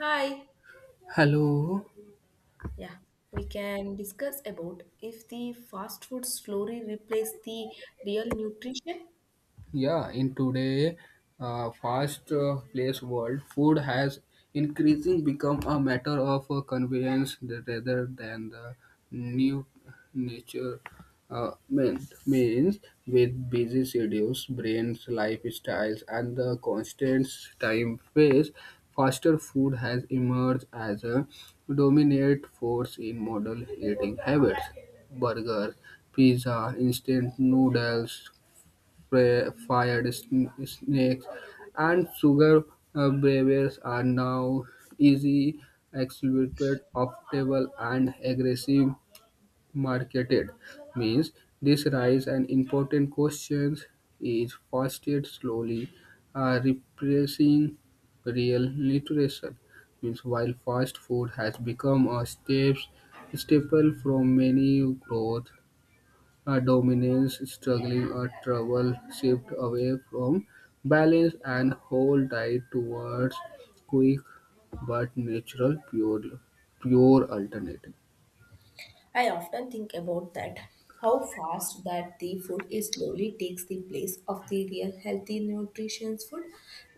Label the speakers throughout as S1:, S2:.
S1: Hi.
S2: Hello.
S1: Yeah, we can discuss about if the fast food slowly replace the real nutrition.
S2: Yeah, in today fast place world, food has increasing become a matter of convenience rather than the new nature meant. Means with busy schedules, brains, lifestyles, and the constant time phase, faster food has emerged as a dominant force in modern eating habits. Burgers, pizza, instant noodles, fired snakes, and sugar beavers are now easy exhibit affordable and aggressive marketed means this rise and important questions is fostered slowly replacing real nutrition means while fast food has become a staple from many growth a dominance struggling or trouble shift away from balance and hold tight towards quick but natural pure alternative.
S1: I often think about that. How fast that the food is slowly takes the place of the real healthy nutritious food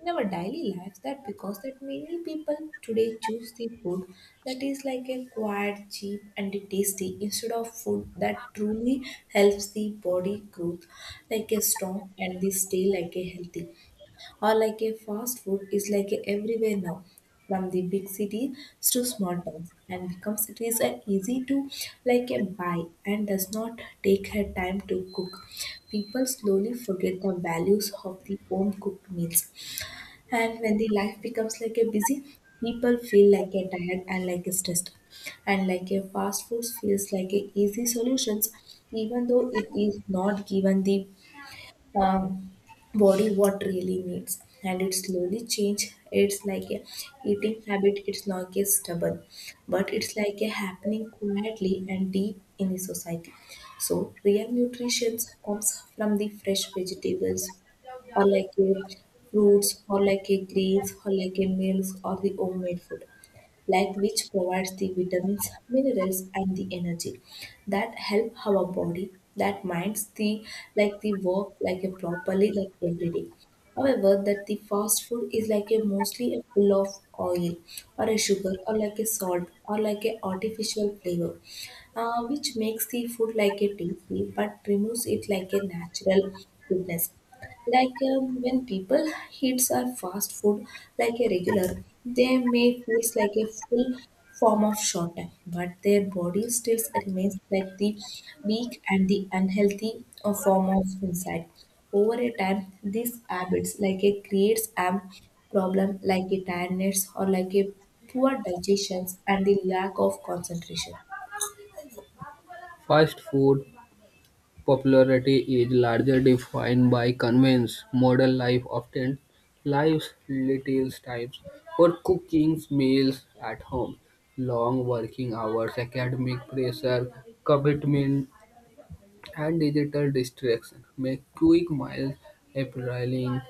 S1: in our daily lives. That because that many people today choose the food that is like a quiet, cheap, and tasty instead of food that truly helps the body growth like a strong and they stay like a healthy, or like a fast food is like a everywhere now from the big cities to small towns, and becomes it is an easy to like a buy and does not take her time to cook. People slowly forget the values of the home cooked meals, and when the life becomes like a busy, people feel like a tired and like a stressed, and like a fast food feels like a easy solutions even though it is not given the um, body what really needs. And it slowly change it's like a eating habit, it's not a stubborn but it's like a happening quietly and deep in the society. So real nutrition comes from the fresh vegetables or like a fruits or like a greens or like a meals or the homemade food, like which provides the vitamins, minerals and the energy that help our body, that minds the like the work like a properly like every day. However, that the fast food is like a mostly a full of oil or a sugar or like a salt or like a artificial flavor, which makes the food like a tasty but removes it like a natural goodness. Like when people eats a fast food like a regular, they may feel like a full form of short time, but their body still remains like the weak and the unhealthy, form of inside. Over a time these habits like a creates a problem like a tiredness or like a poor digestions and the lack of concentration.
S2: Fast food popularity is largely defined by convenience. Modern life often lives little times for cooking meals at home. Long working hours, academic pressure, commitment and digital distraction make quick meals appealing.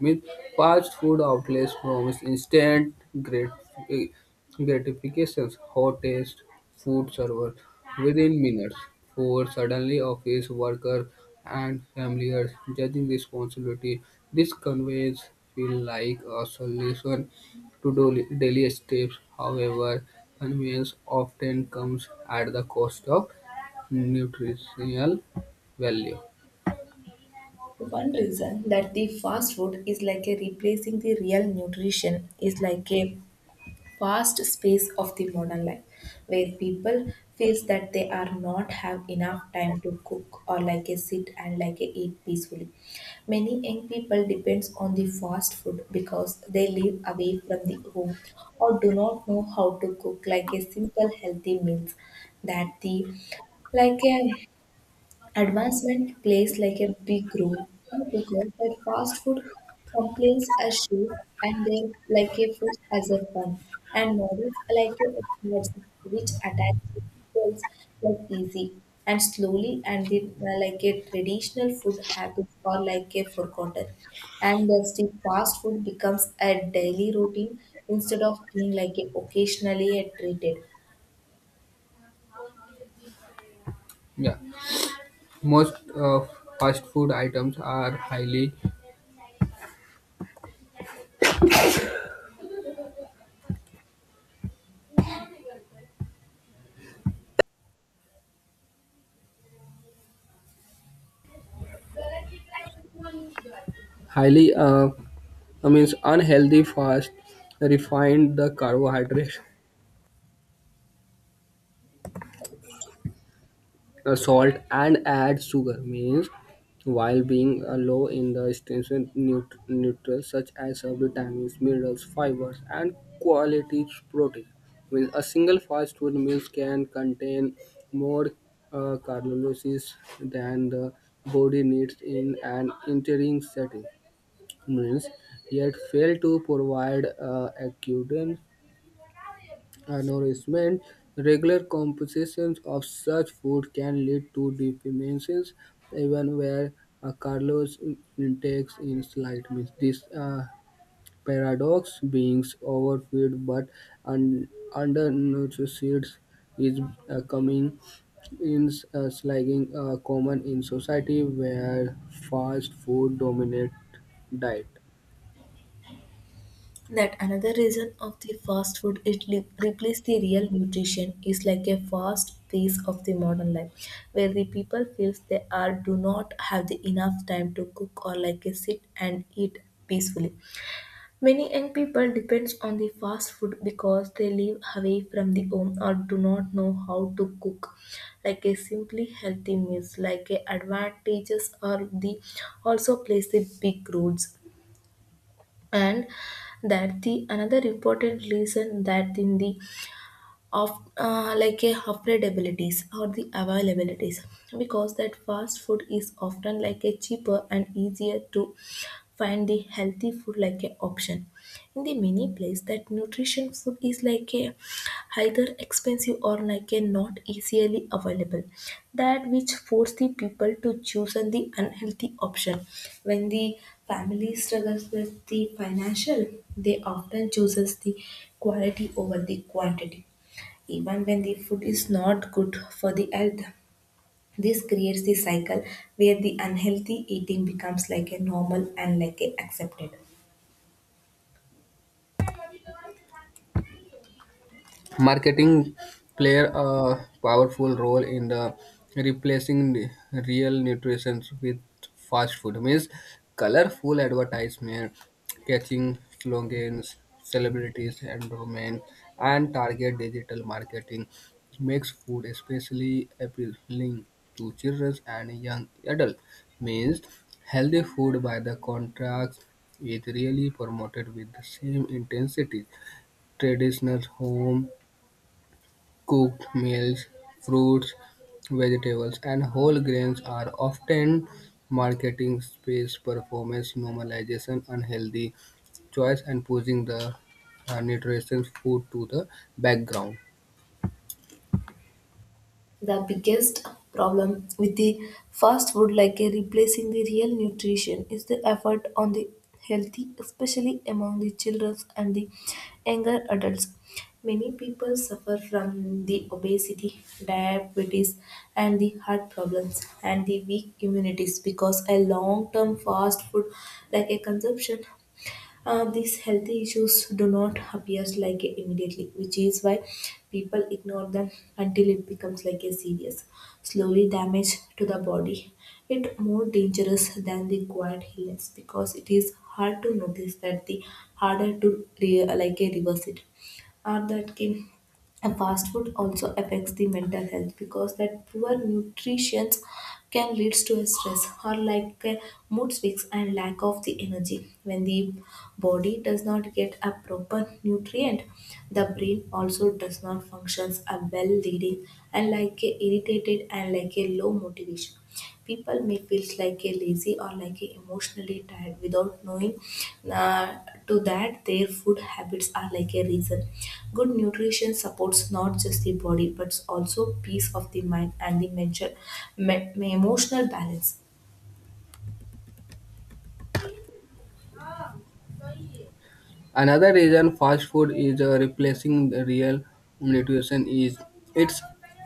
S2: With fast food outlets promise instant grat- eh, gratifications, hot taste food served within minutes. For suddenly office workers and families judging responsibility, this conveys feel like a solution to daily steps. However, convenience often comes at the cost of nutritional value.
S1: One reason that the fast food is like a replacing the real nutrition is like a vast space of the modern life, where people feels that they are not have enough time to cook or like a sit and like a eat peacefully. Many young people depends on the fast food because they live away from the home or do not know how to cook like a simple healthy meals. That the like a Advancement plays like a big role, because that fast food complains as shoe, and they like a food as a fun, and models are like a energy which attach people's like easy and slowly, and the like a traditional food habits are like a forgotten, and thus the fast food becomes a daily routine instead of being like a occasionally a treated.
S2: Yeah, most fast food items are highly I means unhealthy, fast, refined the carbohydrate salt and add sugar means while being low in the essential nutrients such as vitamins minerals fibers and quality protein means a single fast food meal can contain more calories than the body needs in an entering setting means yet fail to provide acute nourishment. Regular compositions of such food can lead to deficiencies, even where a calorie intake is slight. Means this paradox beings overfed but un- undernourished is coming in slagging common in society where fast food dominate diet.
S1: That another reason of the fast food it replace the real nutrition is like a fast pace of the modern life, where the people feels they are do not have the enough time to cook or like a sit and eat peacefully. Many young people depends on the fast food because they live away from the home or do not know how to cook like a simply healthy meals. Like a advantages or the also plays the big roles, and that the another important reason that in the of like a affordabilities or the availabilities, because that fast food is often like a cheaper and easier to find the healthy food like a option. In the many place that nutrition food is like a either expensive or like a not easily available, that which force the people to choose on the unhealthy option. When the family struggles with the financial, they often chooses the quality over the quantity, even when the food is not good for the health. This creates the cycle where the unhealthy eating becomes like a normal and like a accepted.
S2: Marketing play a powerful role in the replacing the real nutrition with fast food. Means colorful advertisement, catching slogans, celebrities, endorsements, and target digital marketing makes food especially appealing to children and young adults. Means healthy food by the contrast is really promoted with the same intensity traditional home cooked meals, fruits, vegetables, and whole grains are often marketing space performance normalization, unhealthy choice, and pushing the nutritious food to the background.
S1: The biggest problem with the fast food, like a replacing the real nutrition, is the effort on the healthy, especially among the children and the younger adults. Many people suffer from the obesity, diabetes, and the heart problems and the weak immunities because a long-term fast food, like a consumption. These healthy issues do not appear like immediately, which is why people ignore them until it becomes like a serious slowly damage to the body. It more dangerous than the quiet illness because it is hard to notice that the harder to like a reverse it or that can. And fast food also affects the mental health, because that poor nutrition can leads to a stress or like a mood swings and lack of the energy. When the body does not get a proper nutrient, the brain also does not functions a well leading, and like a irritated and like a low motivation. People may feel like a lazy or like a emotionally tired without knowing uh, to that their food habits are like a reason. Good nutrition supports not just the body but also peace of the mind and the mental, emotional balance.
S2: Another reason fast food is replacing the real nutrition is its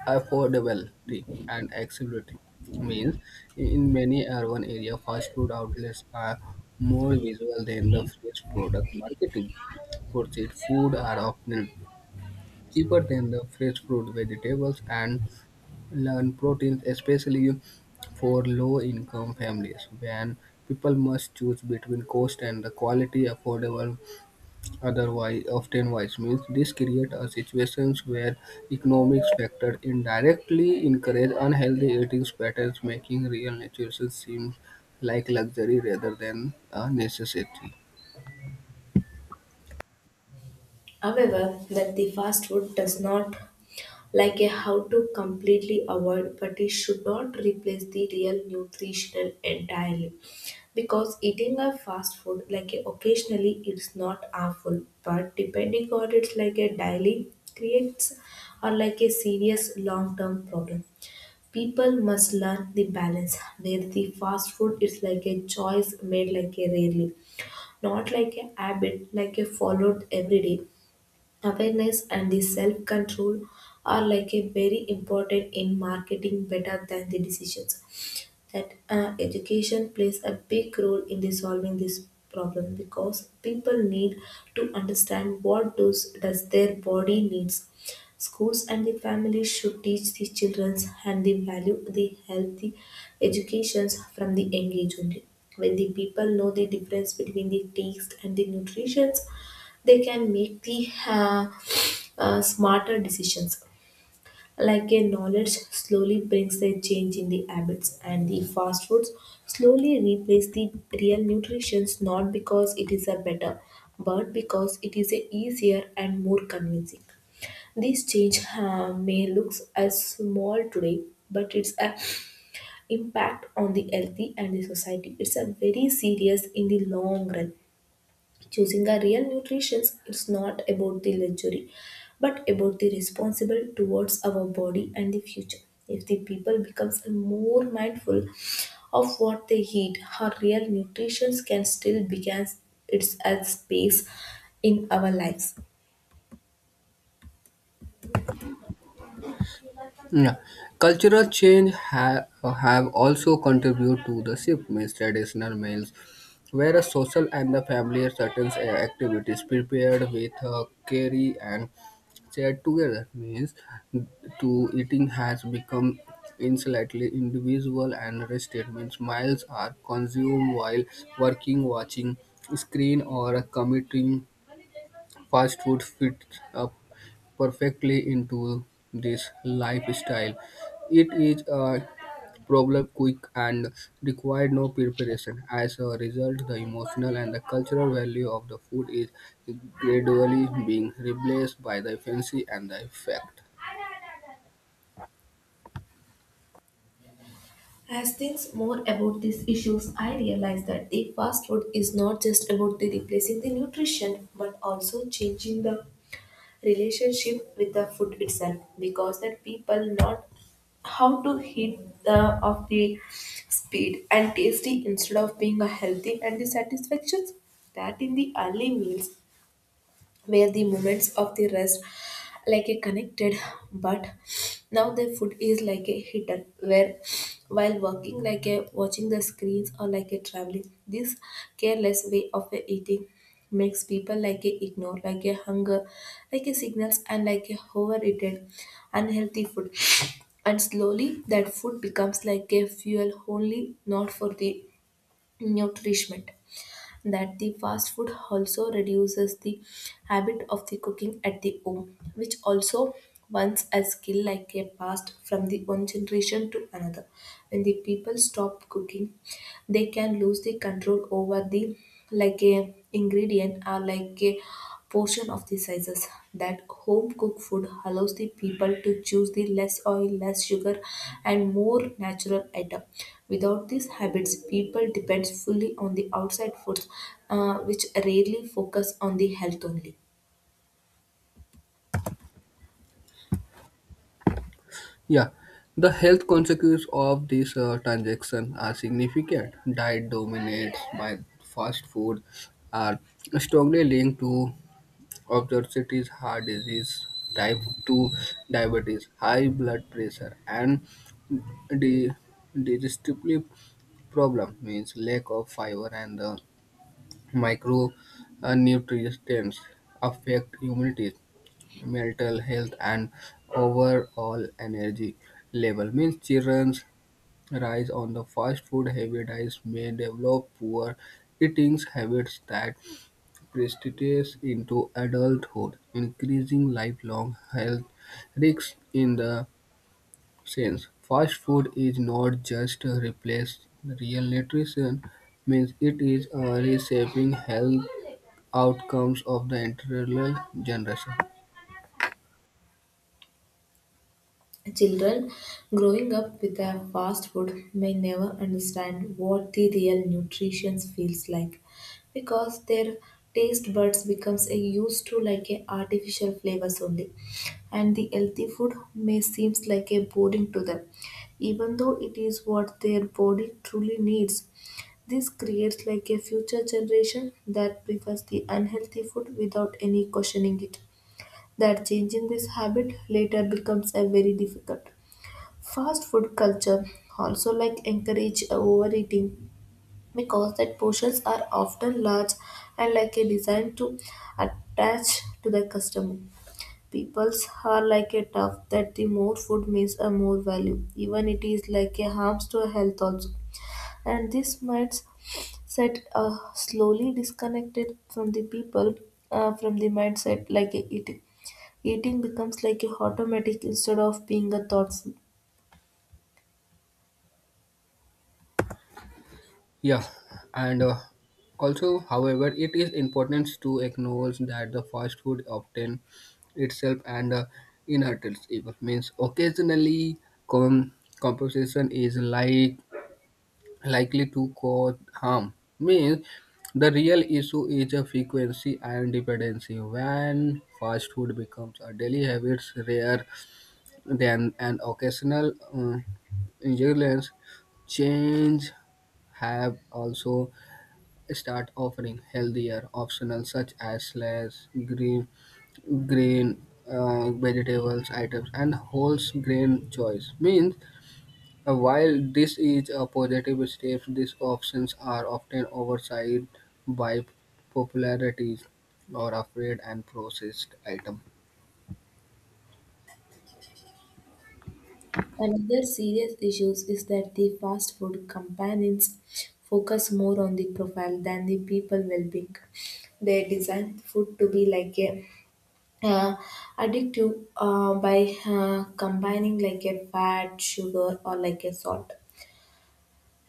S2: affordability and accessibility. Means in many urban areas, fast food outlets are more visual than the fresh product marketing. Purchased food are often cheaper than the fresh fruit, vegetables, and lean proteins, especially for low-income families. When people must choose between cost and the quality, affordable otherwise often wise means this create a situations where economic factors indirectly encourage unhealthy eating patterns making real nutrition seem like luxury rather than a necessity.
S1: However, that the fast food does not like a how to completely avoid, but it should not replace the real nutritional entirely, because eating a fast food like a occasionally it's not harmful, but depending on it's like a daily creates or like a serious long term problem. People must learn the balance where the fast food is like a choice made like a rarely, not like a habit like a followed every day. Awareness and the self control are like a very important in marketing better than the decisions. That education plays a big role in resolving this problem, because people need to understand what does their body needs. Schools and the families should teach the children and the value the healthy educations from the young age only. When the people know the difference between the taste and the nutrition, they can make the smarter decisions. Like a knowledge slowly brings a change in the habits, and the fast foods slowly replace the real nutrition, not because it is a better but because it is a easier and more convincing. This change may look as small today, but it's a impact on the healthy and the society it's a very serious in the long run. Choosing a real nutrition is not about the luxury but about the responsible towards our body and the future. If the people becomes more mindful of what they eat, how real nutrition can still begin its as space in our lives.
S2: Yeah. Cultural change have also contributed to the shift means traditional meals, where a social and the family certain activities prepared with curry and shared together means to eating has become insolently individual and rested means meals are consumed while working, watching screen or commuting. Fast food fits up perfectly into this lifestyle. It is a problem quick and required no preparation. As a result, the emotional and the cultural value of the food is gradually being replaced by the fancy and the effect.
S1: As things more about these issues, I realize that the fast food is not just about the replacing the nutrition, but also changing the relationship with the food itself. Because that people not how to hit the of the speed and tasty instead of being a healthy and the satisfactions. That in the early meals, where the moments of the rest like a connected, but now the food is like a hidden, where while working like a watching the screens or like a traveling, this careless way of a eating makes people like a ignore like a hunger like a signals and like a overeaten unhealthy food. And slowly that food becomes like a fuel only, not for the nourishment. That the fast food also reduces the habit of the cooking at the home, which also once a skill like a passed from the one generation to another. When the people stop cooking, they can lose the control over the like a ingredient or like a portion of the sizes. That home cooked food allows the people to choose the less oil, less sugar, and more natural item. Without these habits, people depends fully on the outside foods, which rarely focus on the health only.
S2: Yeah, the health consequences of this transaction are significant. Diet dominates by fast food are strongly linked to obesity is heart disease, type 2 diabetes, high blood pressure, and di- digestive problem means lack of fiber and the micro nutrients affect immunity, mental health, and overall energy level. Means children's rise on the fast food heavy diets may develop poor eating habits that precipitates into adulthood, increasing lifelong health risks in the sense. Fast food is not just a replace real nutrition, means it is reshaping health outcomes of the entire generation.
S1: Children growing up with a fast food may never understand what the real nutrition feels like, because their taste buds becomes a used to like a artificial flavors only, and the healthy food may seems like a boring to them, even though it is what their body truly needs. This creates like a future generation that prefers the unhealthy food without any questioning it, that changing this habit later becomes a very difficult. Fast food culture also like encourage overeating, because that portions are often large and like a designed to attach to the customer. People's are like a tough that the more food means a more value, even it is like a harms to health also. And this might set slowly disconnected from the people, from the mindset like a eating. Eating becomes like a automatic instead of being a thoughtful.
S2: Yeah, and also, however, it is important to acknowledge that the fast food often itself and inherits evil means occasionally compensation is like likely to cause harm means the real issue is a frequency and dependency when fast food becomes a daily habit rare than an occasional injuries change have also start offering healthier options such as slash green green vegetables items and whole grain choice means while this is a positive step these options are often oversight by popularities or afraid and processed item.
S1: Another serious issue is that the fast food companies focus more on the profile than the people well-being. They design food to be like a uh, addictive, by combining like a fat, sugar, or like a salt.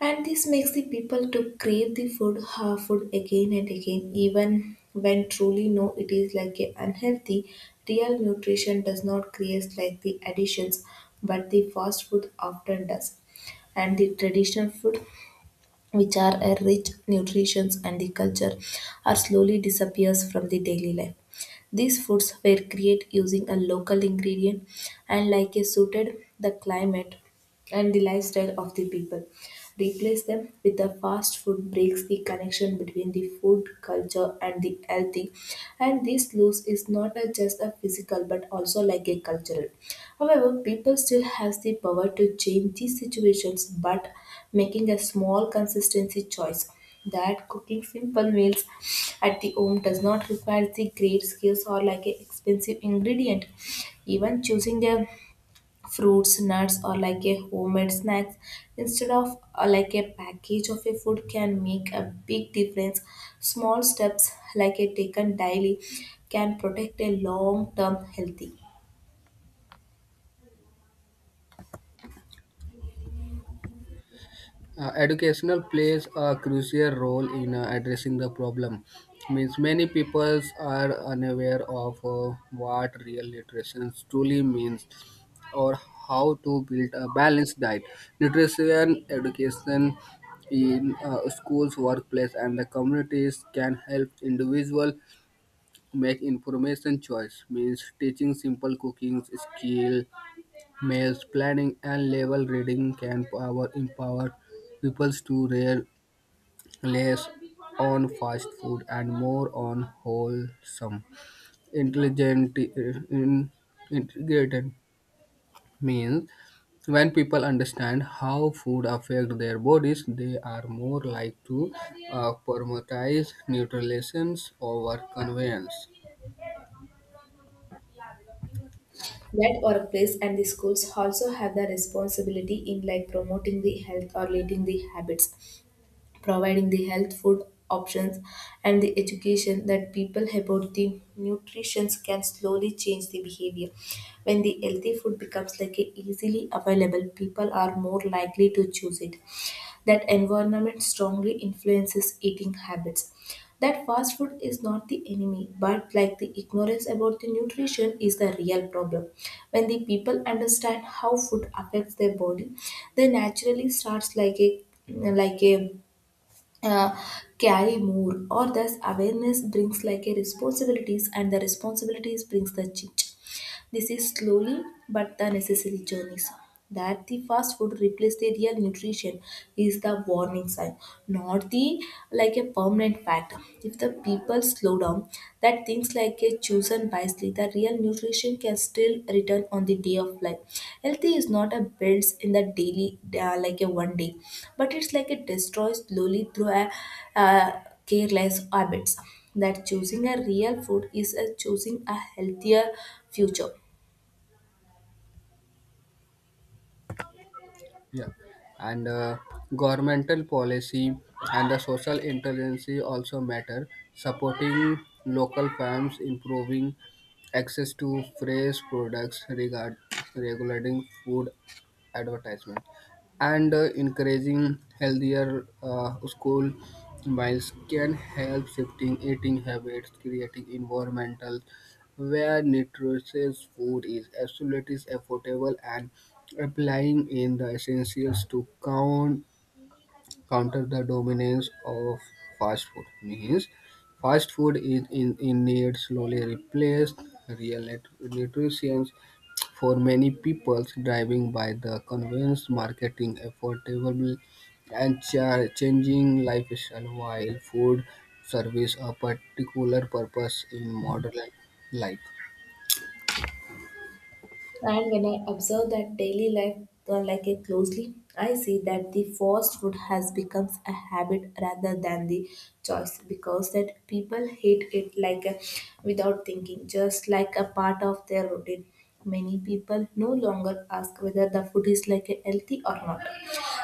S1: And this makes the people to crave the food again and again, even when truly no, it is like a unhealthy. Real nutrition does not create like the additions, but the fast food often does. And the traditional food, which are a rich nutrition and the culture, are slowly disappears from the daily life. These foods were created using a local ingredient and like a suited the climate and the lifestyle of the people. Replace them with the fast food breaks the connection between the food culture and the healthy. And this loss is not just a physical but also like a cultural. However, people still has the power to change these situations, but making a small consistency choice, that cooking simple meals at the home does not require the great skills or like a expensive ingredient. Even choosing a fruits, nuts, or like a homemade snacks instead of like a package of a food can make a big difference. Small steps like a taken daily can protect a long-term healthy.
S2: Educational plays a crucial role in addressing the problem. Means many peoples are unaware of what real nutrition truly means, or how to build a balanced diet. Nutrition education in schools, workplace, and the communities can help individual make information choice. Means teaching simple cooking skill maze planning and level reading can power empower people to rely less on fast food and more on wholesome, intelligent, integrated means. When people understand how food affects their bodies, they are more likely to prioritize nutrition over convenience.
S1: That workplace and the schools also have the responsibility in like promoting the health or leading the habits, providing the health food options and the education that people about the nutrition can slowly change the behavior. When the healthy food becomes like a easily available, people are more likely to choose it. That environment strongly influences eating habits. That fast food is not the enemy, but like the ignorance about the nutrition is the real problem. When the people understand how food affects their body, they naturally starts like a uh, carry more, or thus awareness brings like a responsibilities, and the responsibilities brings the change. This is slowly but the necessary journey, sir. That the fast food replace the real nutrition is the warning sign, not the like a permanent fact. If the people slow down, that things like a chosen wisely, the real nutrition can still return on the day of life. Healthy is not a builds in the daily like a one day, but it's like it destroys slowly through a uh, careless habits that choosing a real food is a choosing a healthier future.
S2: Yeah, and governmental policy and the social intelligence also matter. Supporting local farms, improving access to fresh products, regulating food advertisement and encouraging healthier school meals can help shifting eating habits creating environmental where nutritious food is absolutely affordable and applying in the essentials to counter the dominance of fast food. Means fast food is in need slowly replaced real nutrition for many people driving by the convenience marketing affordable and changing lifestyle while food serves a particular purpose in modern life.
S1: And when I observe that daily life like it closely, I see that the fast food has become a habit rather than the choice, because that people hate it like a, without thinking, just like a part of their routine. Many people no longer ask whether the food is like a healthy or not.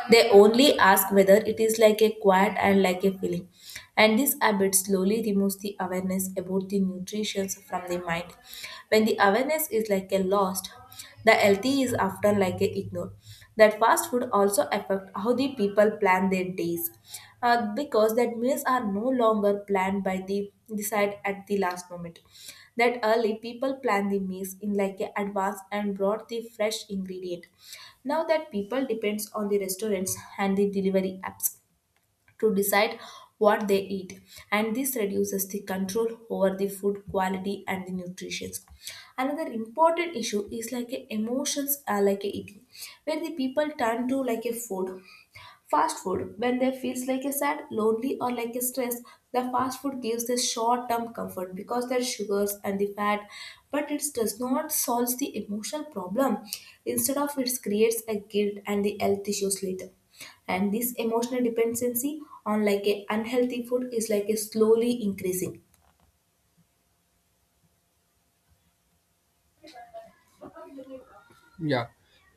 S1: They only ask whether it is like a quiet and like a feeling. And this habit slowly removes the awareness about the nutrition from the mind. When the awareness is like a lost, the healthy is often like a ignored. That fast food also affect how the people plan their days, because that meals are no longer planned by the decide at the last moment. That early people plan the meals in like a advance and brought the fresh ingredient. Now that people depends on the restaurants and the delivery apps to decide what they eat, and this reduces the control over the food quality and the nutrition. Another important issue is like a emotions are like a eating, where the people turn to like a food. Fast food, when they feels like a sad, lonely, or like a stress, the fast food gives the short-term comfort because there are sugars and the fat, but it does not solve the emotional problem. Instead of it creates a guilt and the health issues later. And this emotional dependency on like a unhealthy food is like a slowly increasing.
S2: Yeah,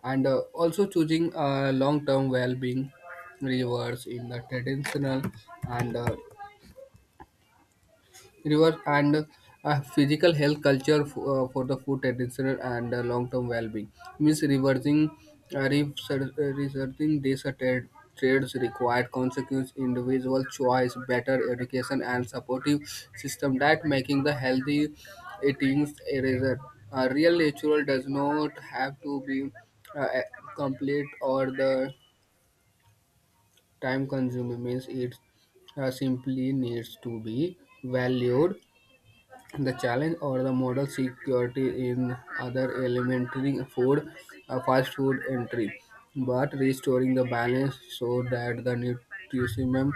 S2: and also choosing long-term well-being rewards in the traditional and river and a physical health culture for the food traditional and long-term well-being means reversing researching these trades required consequence individual choice better education and supportive system that making the healthy eating a result a real ritual does not have to be uh, a- complete or the time consuming means it simply needs to be valued the challenge or the model security in other elementary food, fast food entry, but restoring the balance so that the nutrition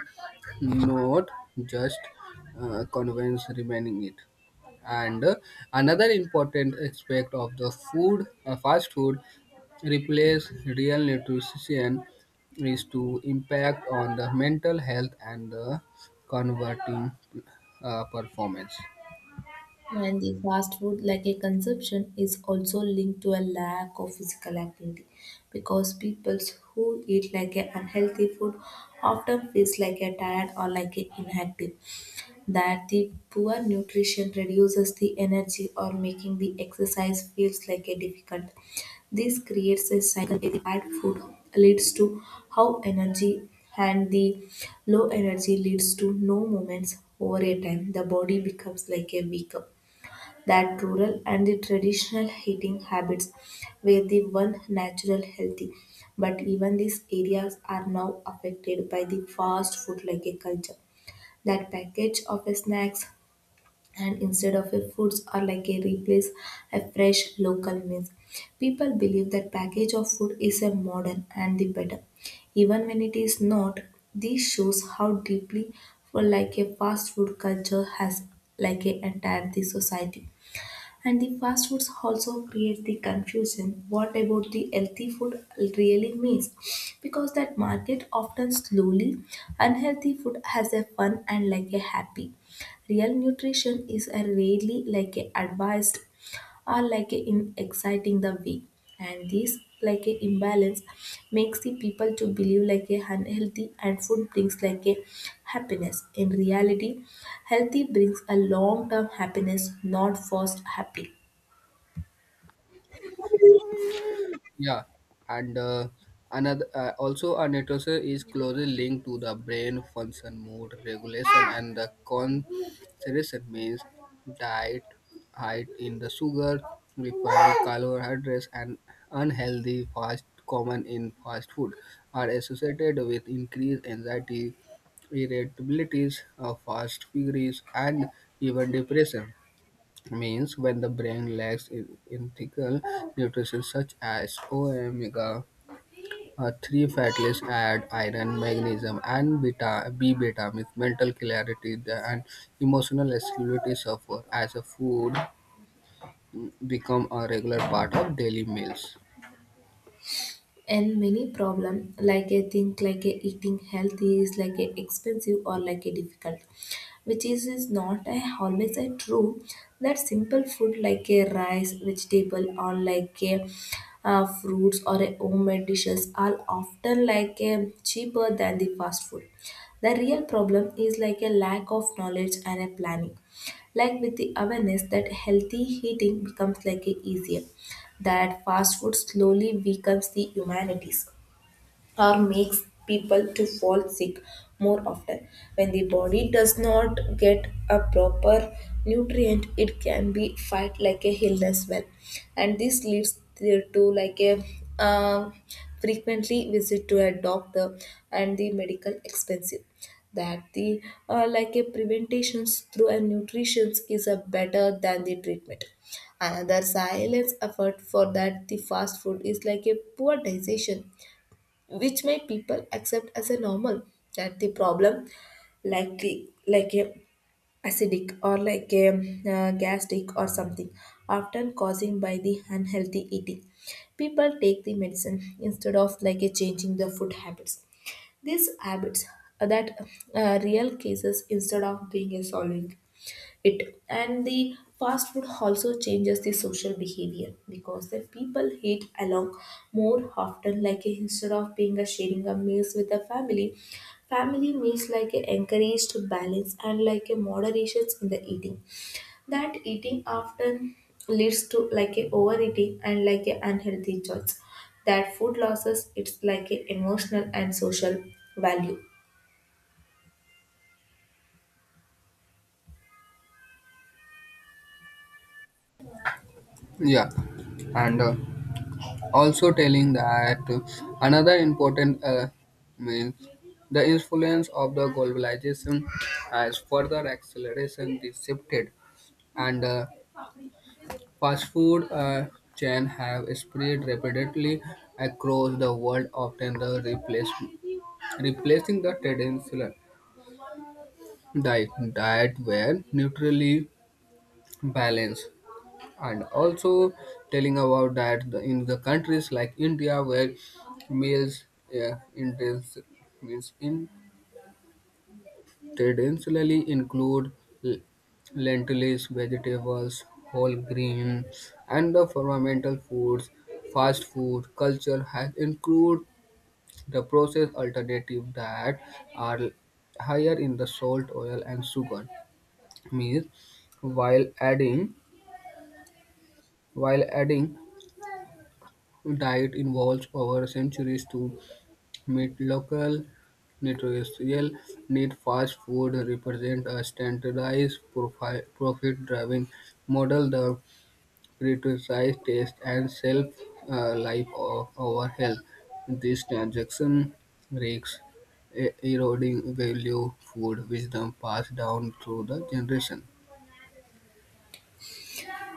S2: not just convince remaining it. And another important aspect of the fast food, replace real nutrition is to impact on the mental health and the converting performance.
S1: And the fast food like a consumption is also linked to a lack of physical activity, because people who eat like a unhealthy food often feels like a tired or like a inactive. That the poor nutrition reduces the energy or making the exercise feels like a difficult. This creates a cycle where the bad food leads to how energy, and the low energy leads to no movements over a time. The body becomes like a weak. That rural and the traditional heating habits were the one natural healthy, but even these areas are now affected by the fast food like a culture. That package of a snacks and instead of a foods are like a replace a fresh local meals. People believe that package of food is a modern and the better, even when it is not. This shows how deeply for like a fast food culture has like a entire the society. And the fast foods also create the confusion. What about the healthy food really means? Because that market often slowly unhealthy food has a fun and like a happy. Real nutrition is a really like a advised or like a in exciting the way. And this like a imbalance makes the people to believe like a unhealthy and food brings like a happiness. In reality, healthy brings a long term happiness, not fast happy.
S2: Yeah, and another also a neuroscience is closely linked to the brain function, mood regulation, and the concentration means diet, high in the sugar, refined carbohydrates, and unhealthy fast common in fast food are associated with increased anxiety, irritabilities, fast figures, and even depression means when the brain lacks ethical nutrition such as omega-3 fatty acids, add iron, magnesium, and beta B vitamins, mental clarity and emotional stability suffer as a food become a regular part of daily meals.
S1: And many problem like a think like a eating healthy is like a expensive or like a difficult, which is not a always a true. That simple food like a rice vegetable or like a fruits or a homemade dishes are often like a cheaper than the fast food. The real problem is like a lack of knowledge and a planning. Like with the awareness, that healthy eating becomes like a easier. That fast food slowly weakens the humanities or makes people to fall sick more often. When the body does not get a proper nutrient, it can be fight like a illness well. And this leads there to like a um frequently visit to a doctor and the medical expensive. That the like a preventations through a nutrition is a better than the treatment. Another silence effort for that the fast food is like a poor digestion, which made people accept as a normal. That the problem likely like a acidic or like a gastric or something, often causing by the unhealthy eating. People take the medicine instead of like a changing the food habits. These habits are that real cases instead of being a solving it. And the fast food also changes the social behavior, because the people eat along more often like a, instead of being a sharing a meals with the family. Family meals like a encouraged balance and like a moderation in the eating. That eating often leads to like a overeating and like a unhealthy choice. That food losses it's like a emotional and social value.
S2: Yeah, and also telling that another important means the influence of the globalization has further acceleration this shifted and fast food chain have spread rapidly across the world often the replacing the traditional diet were neutrally balanced and also telling about that in the countries like India where meals yeah, means intentionally include l- lentils, vegetables, whole grain, and the fundamental foods. Fast food culture has included the processed alternative that are higher in the salt, oil, and sugar. Means while adding while adding diet involves over centuries to meet local nutritional need. Fast food represent a standardized, profit-driven model that prioritizes taste and shelf-life of our health. This transaction risks eroding value food wisdom passed down through the generation.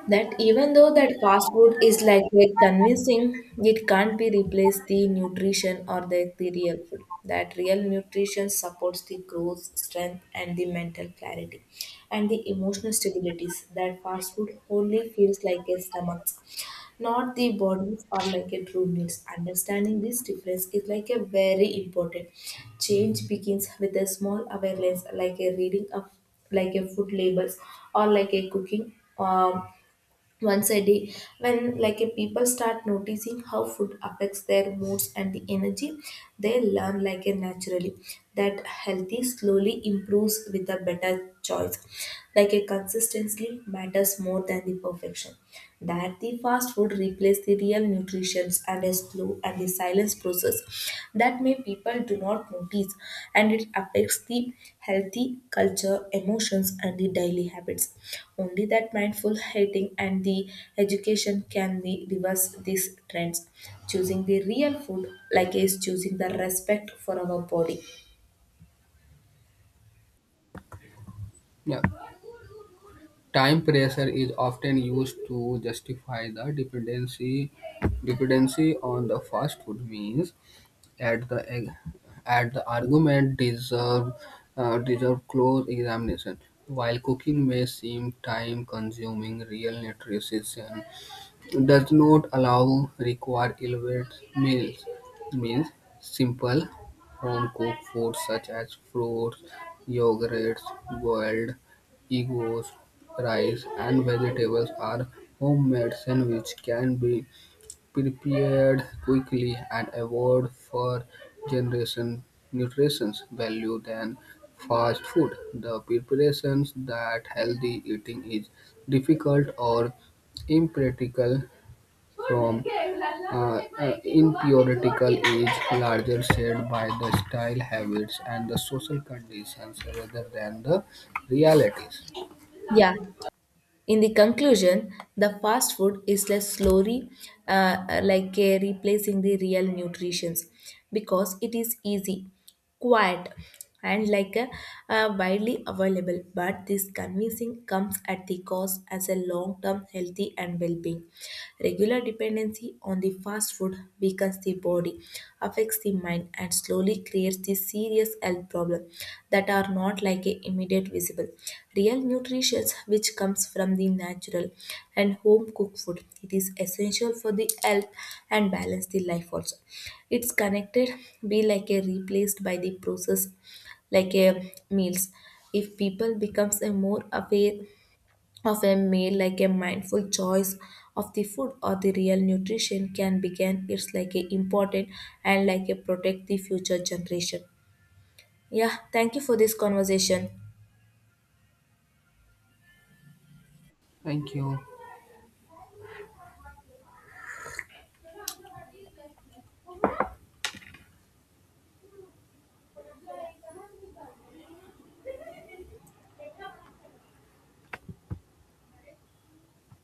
S1: That even though that fast food is like very convincing, it can't be replaced the nutrition or the real food. That real nutrition supports the growth, strength, and the mental clarity, and the emotional stabilities that fast food only feels like a stomach, not the bodies or like a true needs. Understanding this difference is like a very important. Change begins with a small awareness, like a reading of like a food labels or like a cooking once a day. When like a people start noticing how food affects their moods and the energy, they learn like a naturally that healthy slowly improves with a better choice. Like a consistency matters more than the perfection. That the fast food replaces the real nutrition and a slow and the silence process that may people do not notice, and it affects the healthy culture emotions and the daily habits. Only that mindful eating and the education can the reverse these trends. Choosing the real food like is choosing the respect for our body.
S2: Yeah. Time pressure is often used to justify the dependency on the fast food meals at the argument deserve deserve close examination. While cooking may seem time consuming, real nutrition does not allow require elaborate meals, means simple home-cooked foods such as fruits, yogurts, boiled eggs, rice, and vegetables are homemade sandwiches can be prepared quickly and avoid for generation nutrition value than fast food. The preparations that healthy eating is difficult or impractical from impuritical is larger shaped by the style habits and the social conditions rather than the realities.
S1: Yeah, in the conclusion, the fast food is less slowly like replacing the real nutritions, because it is easy, quiet, and like a, widely available. But this convincing comes at the cost as a long-term healthy and well-being. Regular dependency on the fast food weakens the body, affects the mind, and slowly creates the serious health problem that are not like a immediate visible. Real nutrition, which comes from the natural and home cooked food, it is essential for the health and balance the life. Also, it's connected be like a replaced by the process like a meals. If people becomes a more aware of a meal like a mindful choice of the food or the real nutrition can begin, it's like a important and like a protect the future generation. Yeah, thank you for this conversation.
S2: Thank you.